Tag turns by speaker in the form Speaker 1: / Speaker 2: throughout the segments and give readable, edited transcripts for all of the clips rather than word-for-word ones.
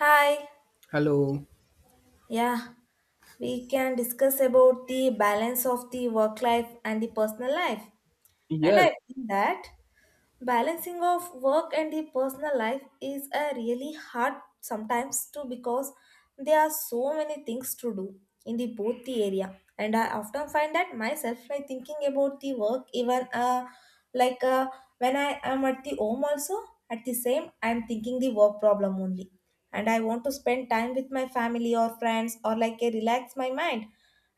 Speaker 1: Hi.
Speaker 2: Hello.
Speaker 1: Yeah, we can discuss about the balance of the work life and the personal life. And
Speaker 2: Yes,
Speaker 1: I think that balancing of work and the personal life is a really hard sometimes too because there are so many things to do in the both the area, and I often find that myself like thinking about the work even like when I am at the home also, at the same I'm thinking the work problem only. And I want to spend time with my family or friends or like a relax my mind.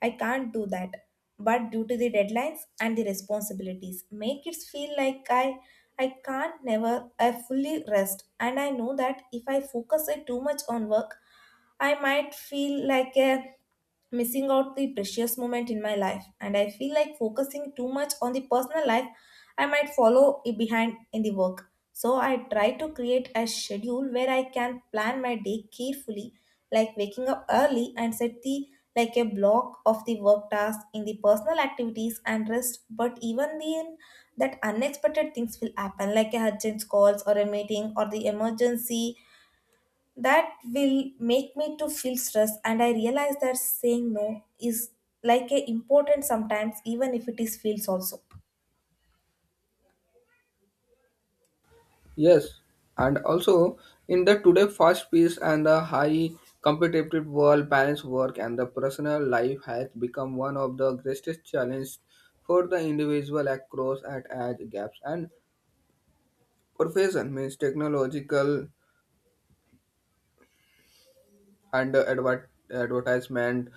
Speaker 1: I can't do that, but due to the deadlines and the responsibilities make it feel like I can't never I fully rest. And I know that if I focus it too much on work I might feel like a missing out the precious moment in my life, and I feel like focusing too much on the personal life I might follow it behind in the work. So I try to create a schedule where I can plan my day carefully, like waking up early and set the like a block of the work tasks in the personal activities and rest. But even then, that unexpected things will happen, like a urgent calls or a meeting or the emergency that will make me to feel stressed, and I realize that saying no is like a important sometimes,
Speaker 2: yes. And also in the today fast pace and the high competitive world balance work and the personal life has become one of the greatest challenge for the individual across at age gaps and profession means technological and advertisement,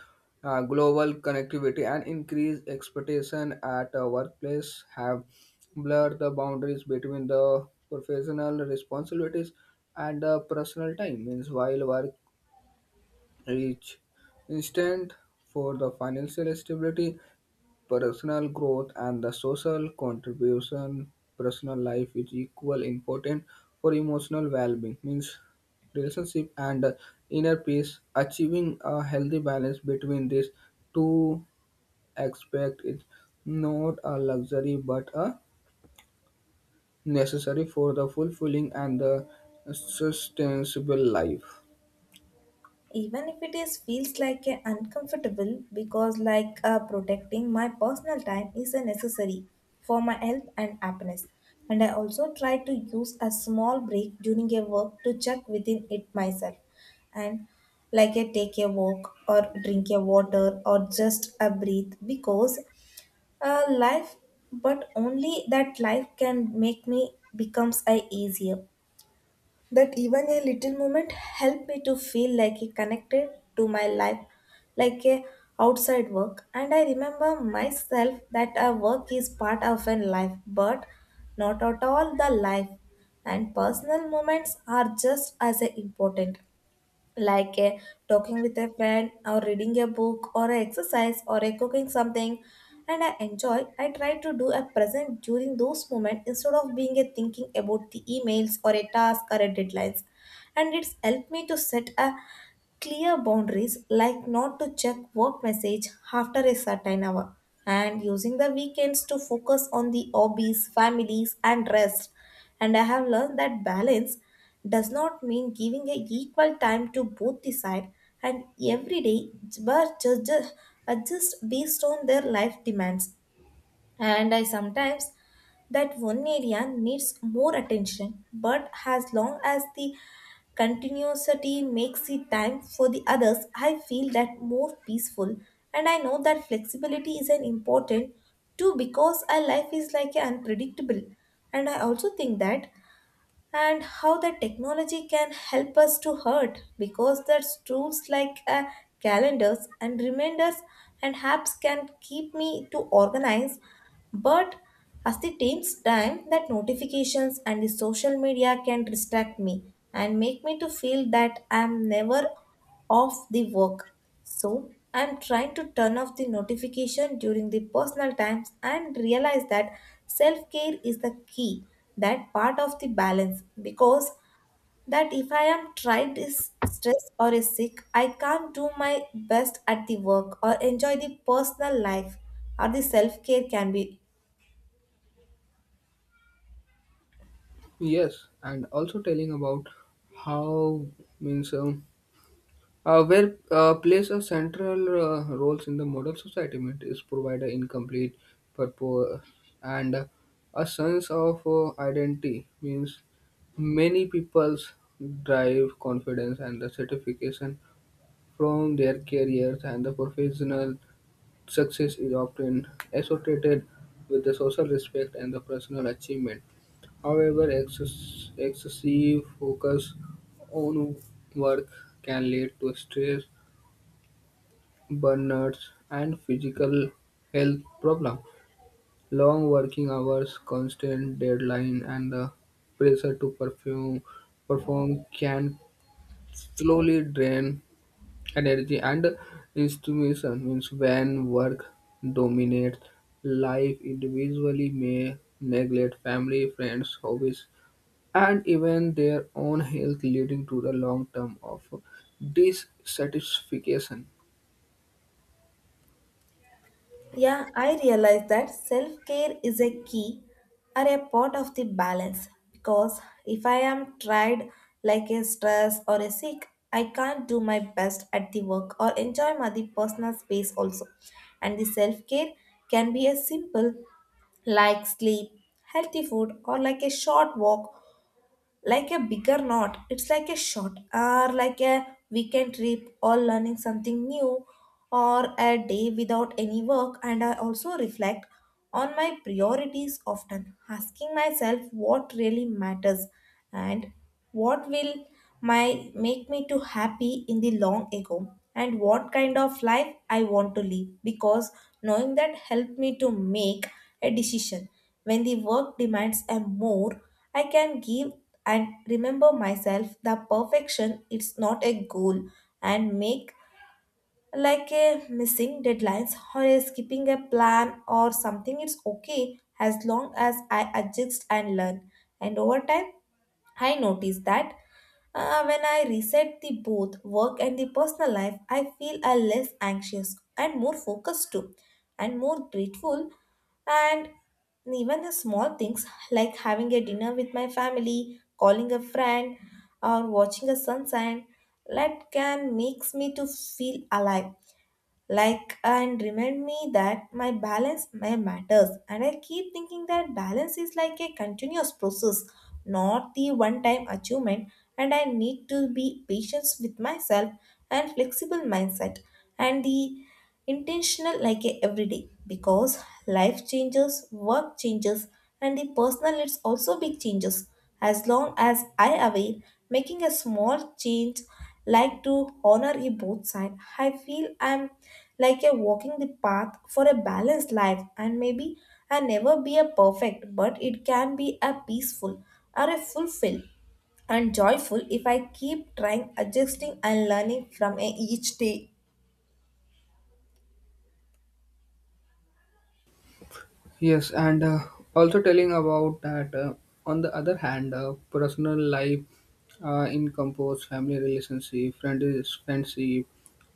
Speaker 2: global connectivity, and increased expectation at a workplace have blurred the boundaries between the professional responsibilities and the personal time. Means while work reach instant for the financial stability, personal growth and the social contribution personal life is equally important for emotional well-being means relationship and inner peace achieving a healthy balance between these two aspects is not a luxury but a necessary for the fulfilling and the sustainable life
Speaker 1: even if it is feels like a uncomfortable, because like protecting my personal time is a necessary for my health and happiness. And I also try to use a small break during a work to check within it myself and like a take a walk or drink a water or just a breathe because Uh, life, but only that life can make me becomes a easier. That even a little moment help me to feel like it connected to my life, like a outside work. And I remember myself that a work is part of a life, but not at all the life. And personal moments are just as important, like talking with a friend or reading a book or a exercise or a cooking something. And I enjoy I try to do a present during those moments instead of being a thinking about the emails or a task or a deadlines. And it's helped me to set a clear boundaries like not to check work message after a certain hour and using the weekends to focus on the hobbies families and rest. And I have learned that balance does not mean giving a equal time to both the side and every day, but just adjust based on their life demands. And I sometimes that one area needs more attention, but as long as the continuity makes the time for the others I feel that more peaceful. And I know that flexibility is an important too because our life is like a unpredictable. And I also think that and how the technology can help us to hurt because that tools like calendars and reminders and apps can keep me to organize, but as the takes time that notifications and the social media can distract me and make me to feel that I'm never off the work. So, I'm trying to turn off the notification during the personal times and realize that self care is the key, that part of the balance. Because that if I am tired, is stressed or is sick, I can't do my best at the work or enjoy the personal life or the self care can be.
Speaker 2: yes and also telling about how means where plays a central roles in the modern society meant is provide an incomplete purpose and a sense of identity means many people's drive confidence and the certification from their careers and the professional success is often associated with the social respect and the personal achievement. However, excessive focus on work can lead to stress burnouts, and physical health problems. Long working hours, constant deadlines, and the pressure to perform, can slowly drain energy and inspiration. Means when work dominates life, individually may neglect family, friends, hobbies, and even their own health, leading to the long term of dissatisfaction.
Speaker 1: Yeah, I realize that self care is a key or a part of the balance because if I am tried like a stress or a sick, I can't do my best at the work or enjoy my the personal space also. And the self care can be as simple like sleep, healthy food, or like a short walk like a bigger knot. It's like a short or like a weekend trip or learning something new or a day without any work. And I also reflect on my priorities often, asking myself what really matters and what will my make me to happy in the long ago and what kind of life I want to live because knowing that helped me to make a decision when the work demands a more I can give and remember myself the perfection it's not a goal and make like a missing deadlines or skipping a plan or something it's okay as long as I adjust and learn. And over time I notice that when I reset the both work and the personal life I feel a less anxious and more focused too and more grateful, and even the small things like having a dinner with my family, calling a friend, or watching a sunset, that can makes me to feel alive. Like and remind me that my balance my matters. And I keep thinking that balance is like a continuous process, not the one-time achievement. And I need to be patient with myself and flexible mindset. And the intentional like a everyday because life changes, work changes, and the personal it's also big changes. As long as I aware making a small change like to honor a both side I feel I'm like a walking the path for a balanced life, and maybe I never be a perfect but it can be a peaceful or a fulfilled and joyful if I keep trying adjusting and learning from a each day.
Speaker 2: Yes, and also telling about that. On the other hand, personal life in compose family relationship, friends, friendship,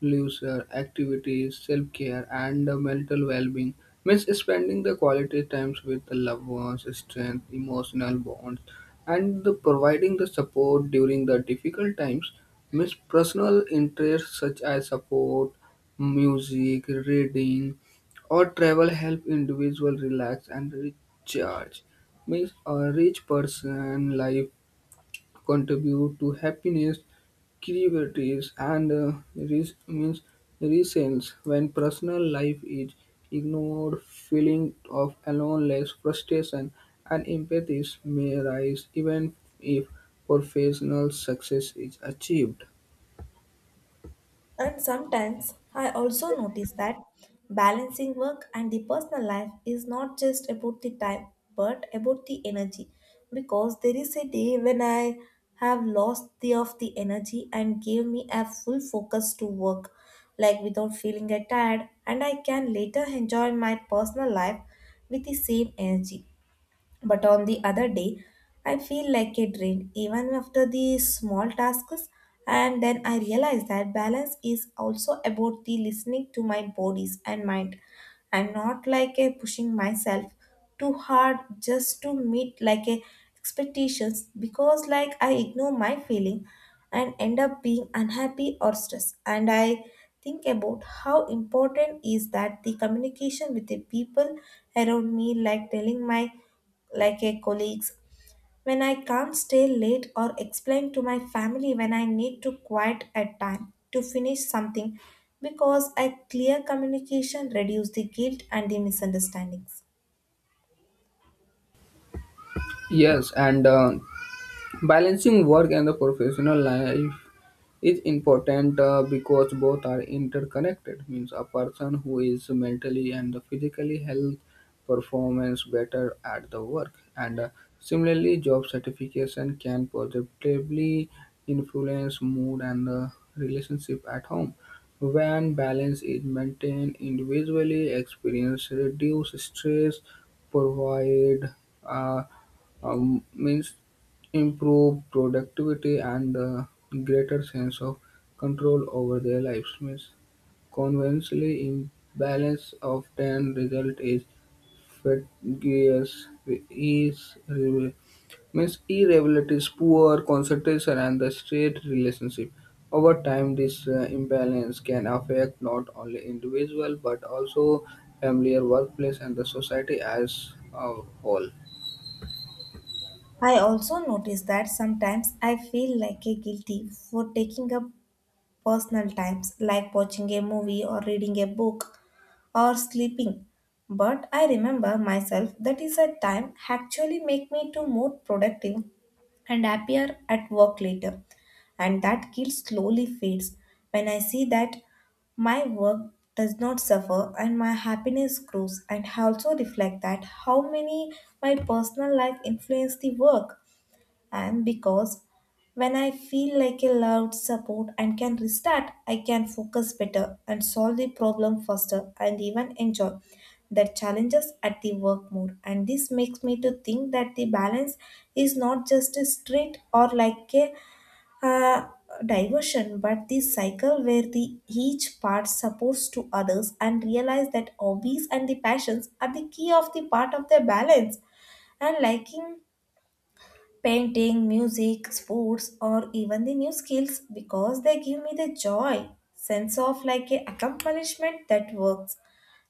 Speaker 2: leisure activities, self care, and mental well being means spending the quality times with the loved ones, strength, emotional bonds, and the providing the support during the difficult times. Means personal interests such as support, music, reading or travel help individual relax and recharge. Means a rich person life contribute to happiness, creativity, and means reasons when personal life is ignored, feeling of aloneness, frustration, and empathy may rise even if professional success is achieved.
Speaker 1: And sometimes I also notice that balancing work and the personal life is not just about the time but about the energy because there is a day when I have lost the of the energy and gave me a full focus to work like without feeling tired, and I can later enjoy my personal life with the same energy. But on the other day, I feel like a drain even after the small tasks. And then I realize that balance is also about the listening to my bodies and mind. I'm not like a pushing myself too hard just to meet like a expectations, because like I ignore my feeling and end up being unhappy or stressed. And I think about how important is that the communication with the people around me, like telling my like a colleagues when I can't stay late or explain to my family when I need to quiet at time to finish something because a clear communication reduce the guilt and the misunderstandings.
Speaker 2: Yes, and balancing work and the professional life is important because both are interconnected. Means a person who is mentally and physically health performance better at the work, and similarly, job satisfaction can positively influence mood and relationship at home. When balance is maintained, individually experience reduce stress, provide. Uh, means improve productivity and a greater sense of control over their lives. Means conversely, imbalance often result is fatigues, is means irregularities, poor concentration, and the state relationship. Over time, this imbalance can affect not only individual but also familiar workplace and the society as a whole.
Speaker 1: I also notice that sometimes I feel like a guilty for taking up personal times like watching a movie or reading a book or sleeping, but I remember myself that is a time actually make me to more productive and happier at work later. And that guilt slowly fades when I see that my work does not suffer and my happiness grows. And I also reflect that how many my personal life influence the work. And because when I feel like a loved support and can restart, I can focus better and solve the problem faster and even enjoy the challenges at the work more. And this makes me to think that the balance is not just a straight or like a uh, diversion but the cycle where the each part supports to others. And realize that hobbies and the passions are the key of the part of the balance and liking painting, music, sports, or even the new skills, because they give me the joy, sense of like a accomplishment that works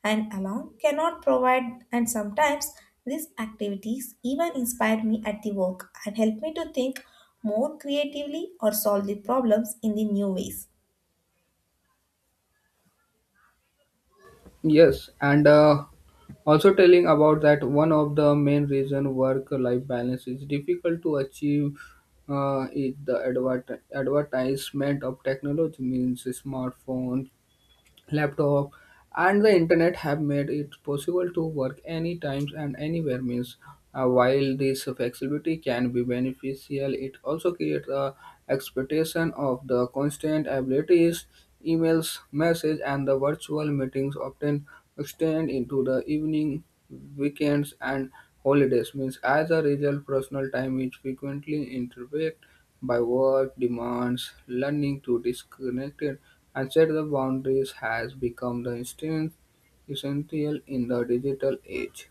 Speaker 1: and alone cannot provide. And sometimes these activities even inspire me at the work and help me to think more creatively or solve the problems in the new ways.
Speaker 2: Yes, and also telling about that one of the main reason work-life balance is difficult to achieve is the advertisement of technology means smartphone, laptop and the internet have made it possible to work any times and anywhere means while this flexibility can be beneficial it also creates a expectation of the constant abilities emails message and the virtual meetings often extend into the evening weekends and holidays means as a result personal time is frequently interrupted by work demands, learning to disconnect it and set the boundaries has become the instinct essential in the digital age.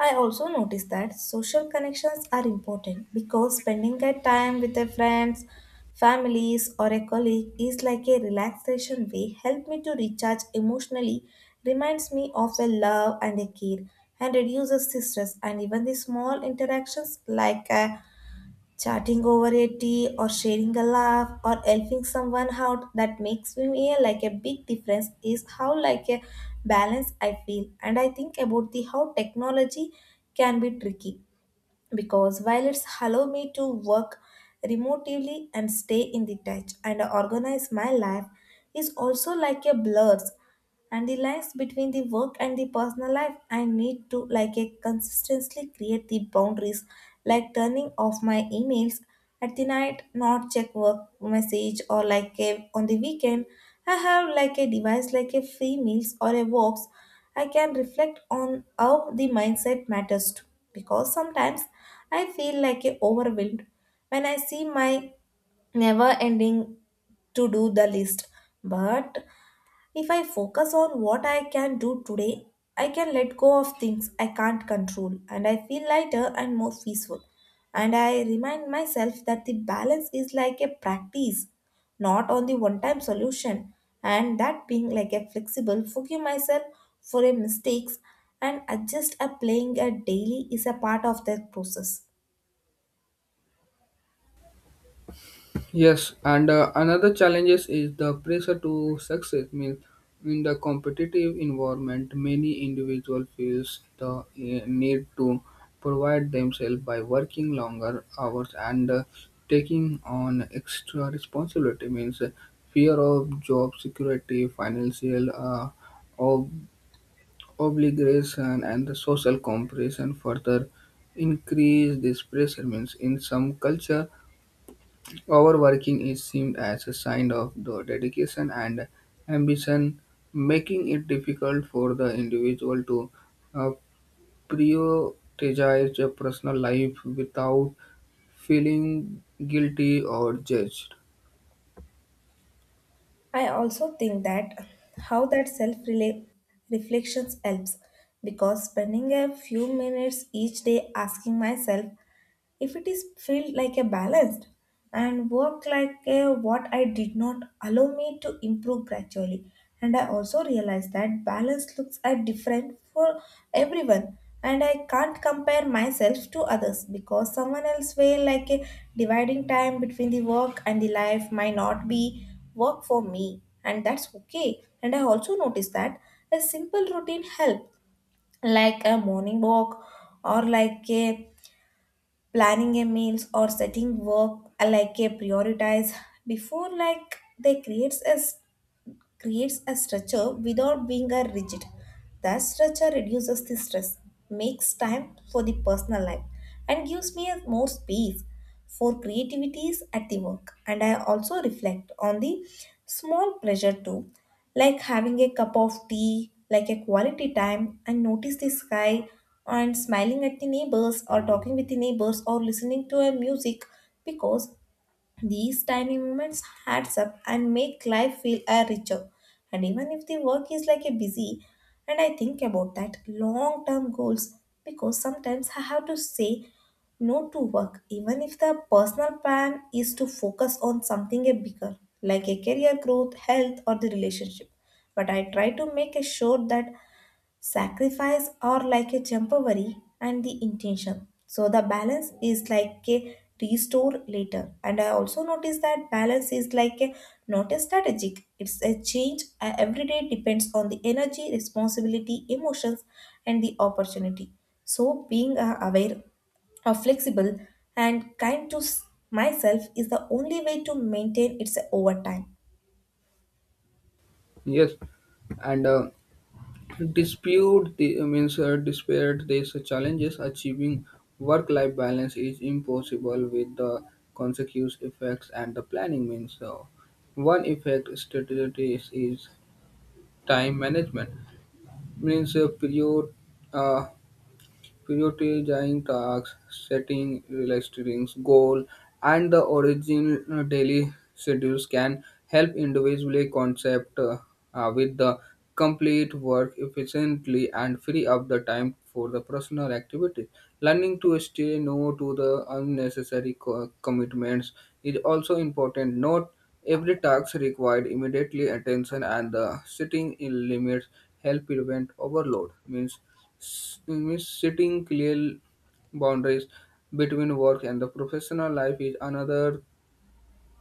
Speaker 1: I also noticed that social connections are important because spending a time with a friends, families or a colleague is like a relaxation way help me to recharge emotionally, reminds me of a love and a care, and reduces the stress. And even the small interactions like a chatting over a tea or sharing a laugh or helping someone out that makes me feel like a big difference is how like a balance I feel. And I think about the how technology can be tricky because while it's allow me to work remotely and stay in the touch and organize my life is also like a blurs and the lines between the work and the personal life. I need to like a consistently create the boundaries like turning off my emails at the night, not check work message or like a, on the weekend. I have like a device like a free meals or a walks. I can reflect on how the mindset matters too because sometimes I feel like a overwhelmed when I see my never ending to do the list, but if I focus on what I can do today, I can let go of things I can't control and I feel lighter and more peaceful. And I remind myself that the balance is like a practice, not on the one time solution. And that being like a flexible, forgive myself for a mistakes and adjust a playing a daily is a part of that process.
Speaker 2: Yes, and another challenges is the pressure to success. Means in the competitive environment, many individual feels the need to provide themselves by working longer hours and taking on extra responsibility. Means fear of job security, financial ob- obligation, and the social comparison further increase this pressure. Means in some culture overworking is seen as a sign of the dedication and ambition, making it difficult for the individual to uh, prioritize their personal life without feeling guilty or judged.
Speaker 1: I also think that how that self reflections helps, because spending a few minutes each day asking myself if it is felt like a balanced and work like a what I did not allow me to improve gradually. And I also realize that balance looks are different for everyone. And I can't compare myself to others, because someone else way like a dividing time between the work and the life might not be work for me, and that's okay. And I also notice that a simple routine help, like a morning walk or like a planning a meals or setting work like a prioritize before, like they creates a structure without being a rigid. That structure reduces the stress, makes time for the personal life, and gives me a more space for creativities at the work. And I also reflect on the small pleasure too, like having a cup of tea, like a quality time, and notice the sky and smiling at the neighbors or talking with the neighbors or listening to a music, because these tiny moments adds up and make life feel a richer. And even if the work is like a busy, and I think about that long term goals, because sometimes I have to say no to work, even if the personal plan is to focus on something a bigger, like a career growth, health, or the relationship. But I try to make a sure that sacrifice are like a temporary and the intention. So the balance is like a restore later. And I also notice that balance is like a not a strategic. It's a change every day, depends on the energy, responsibility, emotions, and the opportunity. So being aware or flexible and myself is the only way to maintain it over time.
Speaker 2: Yes, and dispute the means despite these challenges, achieving work-life balance is impossible with the consecutive effects and the planning means. So, one effect strategy is time management means uh, prioritizing tasks, setting realistic goals, and the original daily schedules can help individually concept with the complete work efficiently and free up the time for the personal activities. Learning to stay no to the unnecessary commitments is also important. Not every task required immediately attention and the setting in limits help prevent overload means means setting clear boundaries between work and the professional life is another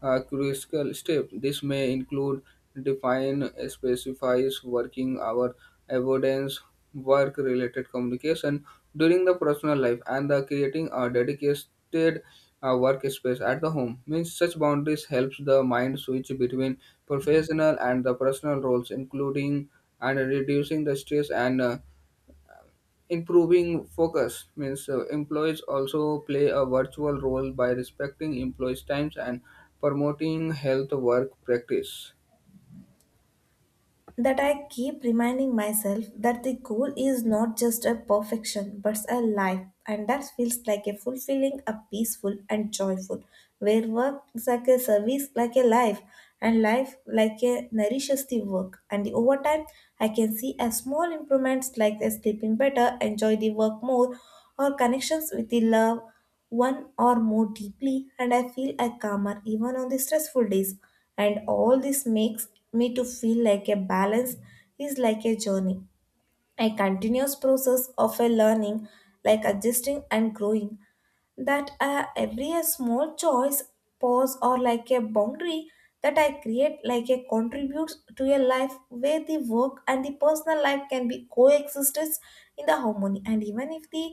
Speaker 2: crucial step. This may include define specifies working hour avoidance, work-related communication during the personal life, and the creating a dedicated workspace at the home. Means such boundaries helps the mind switch between professional and the personal roles, including and reducing the stress and improving focus means employees also play a virtual role by respecting employees' times and promoting health work practice.
Speaker 1: That I keep reminding myself that the goal is not just a perfection but a life, and that feels like a fulfilling, a peaceful, and joyful. Where work is like a service, like a life, and life like a nourishes the work. And over time, I can see a small improvements, like a sleeping better, enjoy the work more, or connections with the love one or more deeply, and I feel a calmer even on the stressful days. And all this makes me to feel like a balance is like a journey, a continuous process of a learning, like adjusting and growing, that every a small choice, pause, or like a boundary that I create, like a contributes to a life where the work and the personal life can be coexistence in the harmony. And even if the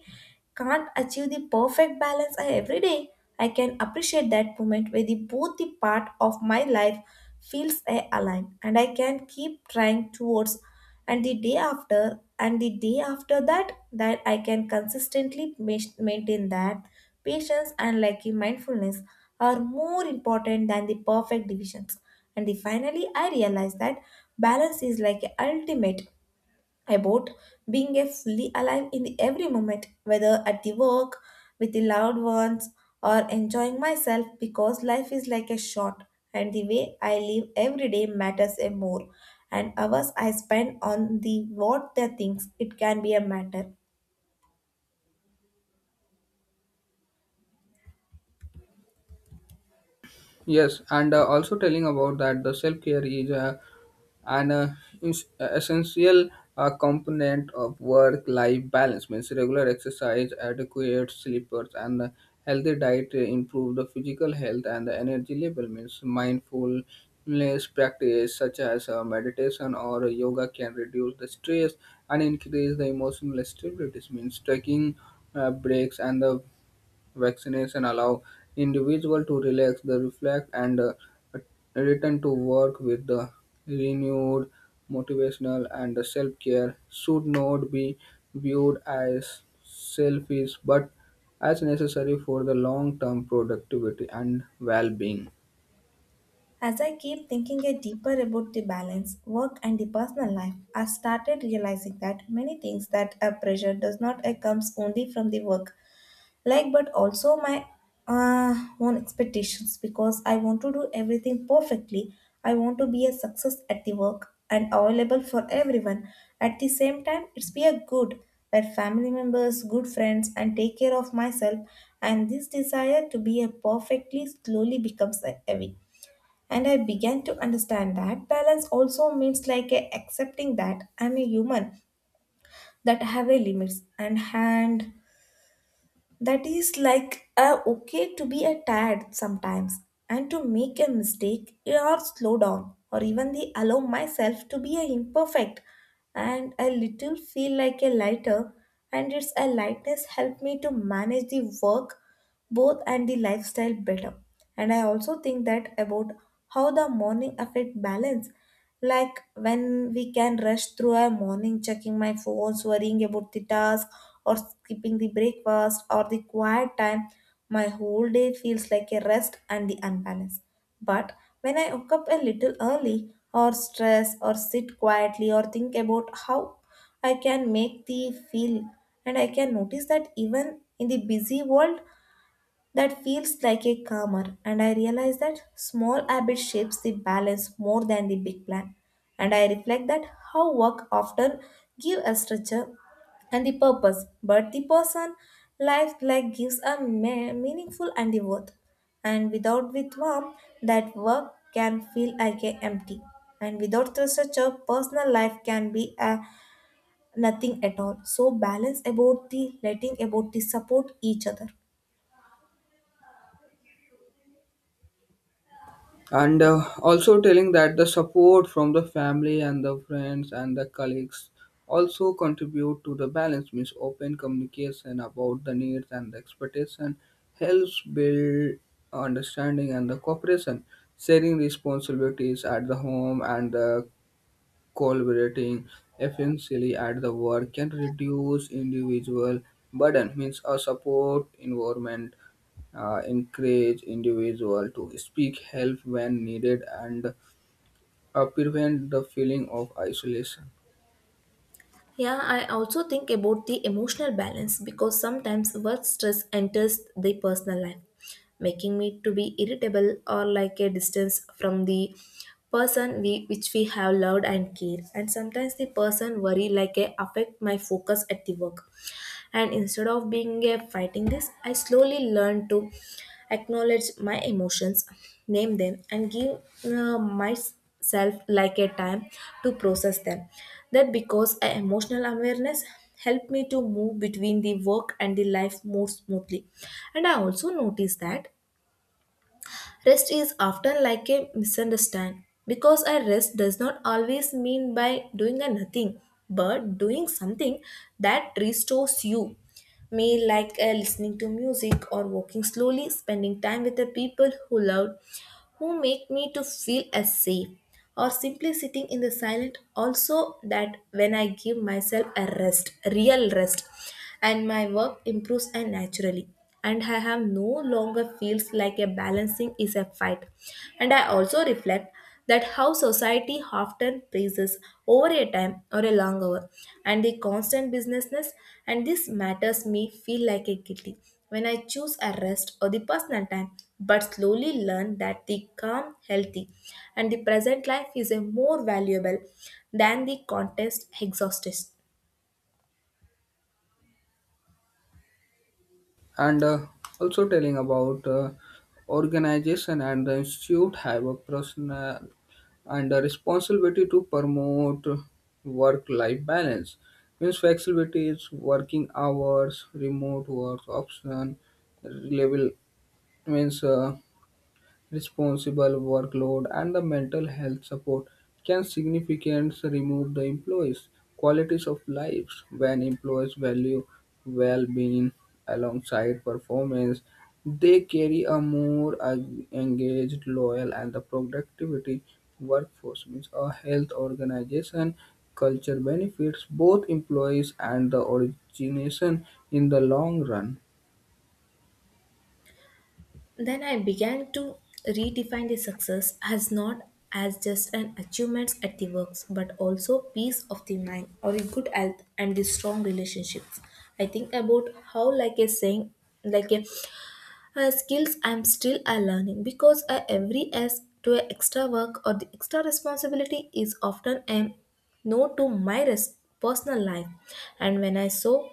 Speaker 1: can't achieve the perfect balance every day, I can appreciate that moment where the both the part of my life feels aligned, and I can keep trying towards and the day after and the day after that, that i can consistently maintain that patience and like mindfulness are more important than the perfect divisions. And the, finally I realized that balance is like a ultimate about being a fully alive in the every moment, whether at the work, with the loved ones, or enjoying myself, because life is like a shot and the way I live every day matters a more. And hours I spend on the what the things it can be a matter.
Speaker 2: Yes, and also telling about that the self care is an uh, essential component of work life balance. Means regular exercise, adequate sleepers, and healthy diet improve the physical health and the energy level. Means mindfulness practice such as meditation or yoga can reduce the stress and increase the emotional stability. Means taking breaks and the vaccination allow individual to relax, the reflect, and return to work with the renewed motivational and the self-care should not be viewed as selfish but as necessary for the long-term productivity and well-being.
Speaker 1: As I keep thinking a deeper about the balance, work and the personal life, I started realizing that many things that are pressure does not comes only from the work like, but also my own expectations, because I want to do everything perfectly. I want to be a success at the work and available for everyone at the same time. It's be a good where family members, good friends, and take care of myself. And this desire to be a perfectly slowly becomes a heavy, and I began to understand that balance also means like a accepting that I'm a human, that I have a limits and hand, that is like okay to be a tired sometimes and to make a mistake or slow down or even the allow myself to be a imperfect. And a little feel like a lighter, and it's a lightness help me to manage the work both and the lifestyle better. And I also think that about how the morning affect balance. Like when we can rush through our morning, checking my phones, worrying about the task, or skipping the breakfast or the quiet time, my whole day feels like a rest and the unbalance. But when I wake up a little early or stress or sit quietly or think about how I can make the feel, and I can notice that even in the busy world, that feels like a calmer. And I realize that small habit shapes the balance more than the big plan. And I reflect that how work often give a structure and the purpose, but the person life like gives a meaningful and the worth. And without with warmth, that work can feel like a empty. And without the structure, personal life can be a nothing at all. So balance about the letting about the support each other.
Speaker 2: And also telling that the support from the family and the friends and the colleagues also contribute to the balance means open communication about the needs and the expectation helps build understanding and the cooperation sharing responsibilities at the home and the collaborating efficiently at the work can reduce individual burden means a support environment encourage individual to speak help when needed and prevent the feeling of isolation
Speaker 1: Yeah, I also think about the emotional balance, because sometimes work stress enters the personal life, making me to be irritable or like a distance from the person we which we have loved and care. And sometimes the person worry like a affect my focus at the work. And instead of being a fighting this, I slowly learn to acknowledge my emotions, name them, and give my self like a time to process them, that because a emotional awareness helped me to move between the work and the life more smoothly. And I also noticed that rest is often like a misunderstand, because a rest does not always mean by doing a nothing, but doing something that restores you, me, like listening to music or walking slowly, spending time with the people who love, who make me to feel as safe, or simply sitting in the silent. Also, that when I give myself a rest, real rest, and my work improves and naturally, and I have no longer feels like a balancing is a fight. And I also reflect that how society often praises over a time or a long hour and the constant businessness, and this matters me feel like a guilty when I choose a rest or the personal time. But slowly learn that the calm, healthy, and the present life is a more valuable than the contest exhausted.
Speaker 2: and also telling about organization and the institute have a personal and a responsibility to promote work-life balance means flexibility working hours remote work option level means responsible workload and the mental health support can significantly remove the employees' qualities of lives. When employees value well-being alongside performance, they carry a more engaged, loyal, and the productivity workforce. Means a health organization culture benefits both employees and the organization in the long run.
Speaker 1: Then I began to redefine the success as not as just an achievement at the works, but also peace of the mind or a good health and the strong relationships. I think about how, like a saying, like a skills I'm still are learning, because every s to a extra work or the extra responsibility is often a no to my personal life. And when I saw,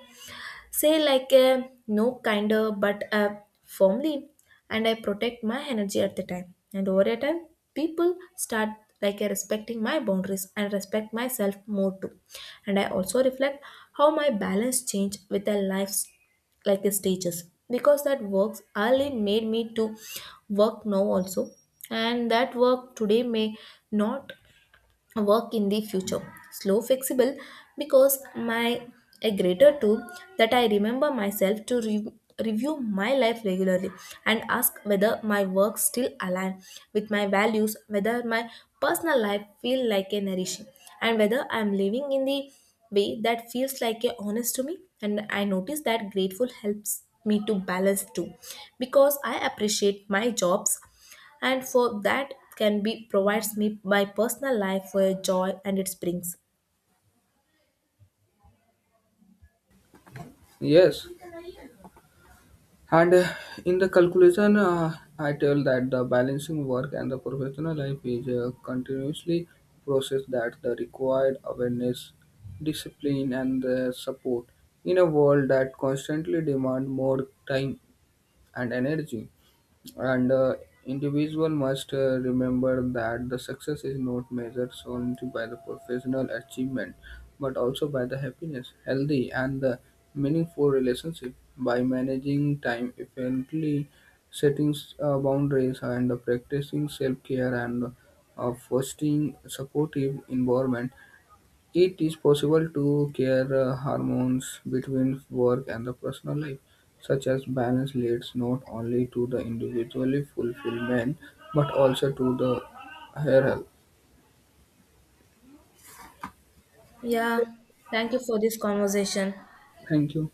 Speaker 1: say, like a no kinder but firmly, and I protect my energy at the time. And over a time, people start like a respecting my boundaries and respect myself more too. And I also reflect how my balance change with the life's like the stages, because that works early made me to work now also, and that work today may not work in the future. Slow, flexible, because my a greater tool, that I remember myself to review my life regularly and ask whether my work still align with my values, whether my personal life feel like a nourishing, and whether I'm living in the way that feels like a honest to me. And I notice that grateful helps me to balance too, because I appreciate my jobs and for that can be provides me my personal life where joy and it brings.
Speaker 2: Yes. And in the calculation, I tell that the balancing work and the professional life is a continuously process that the required awareness, discipline, and the support in a world that constantly demand more time and energy and individual must remember that the success is not measured solely by the professional achievement but also by the happiness healthy and the meaningful relationship by managing time effectively setting boundaries and practicing self-care and fostering supportive environment it is possible to care hormones between work and the personal life, such as balance leads not only to the individually fulfillment but also to the hair health.
Speaker 1: Yeah, thank you for this conversation.
Speaker 2: Thank you.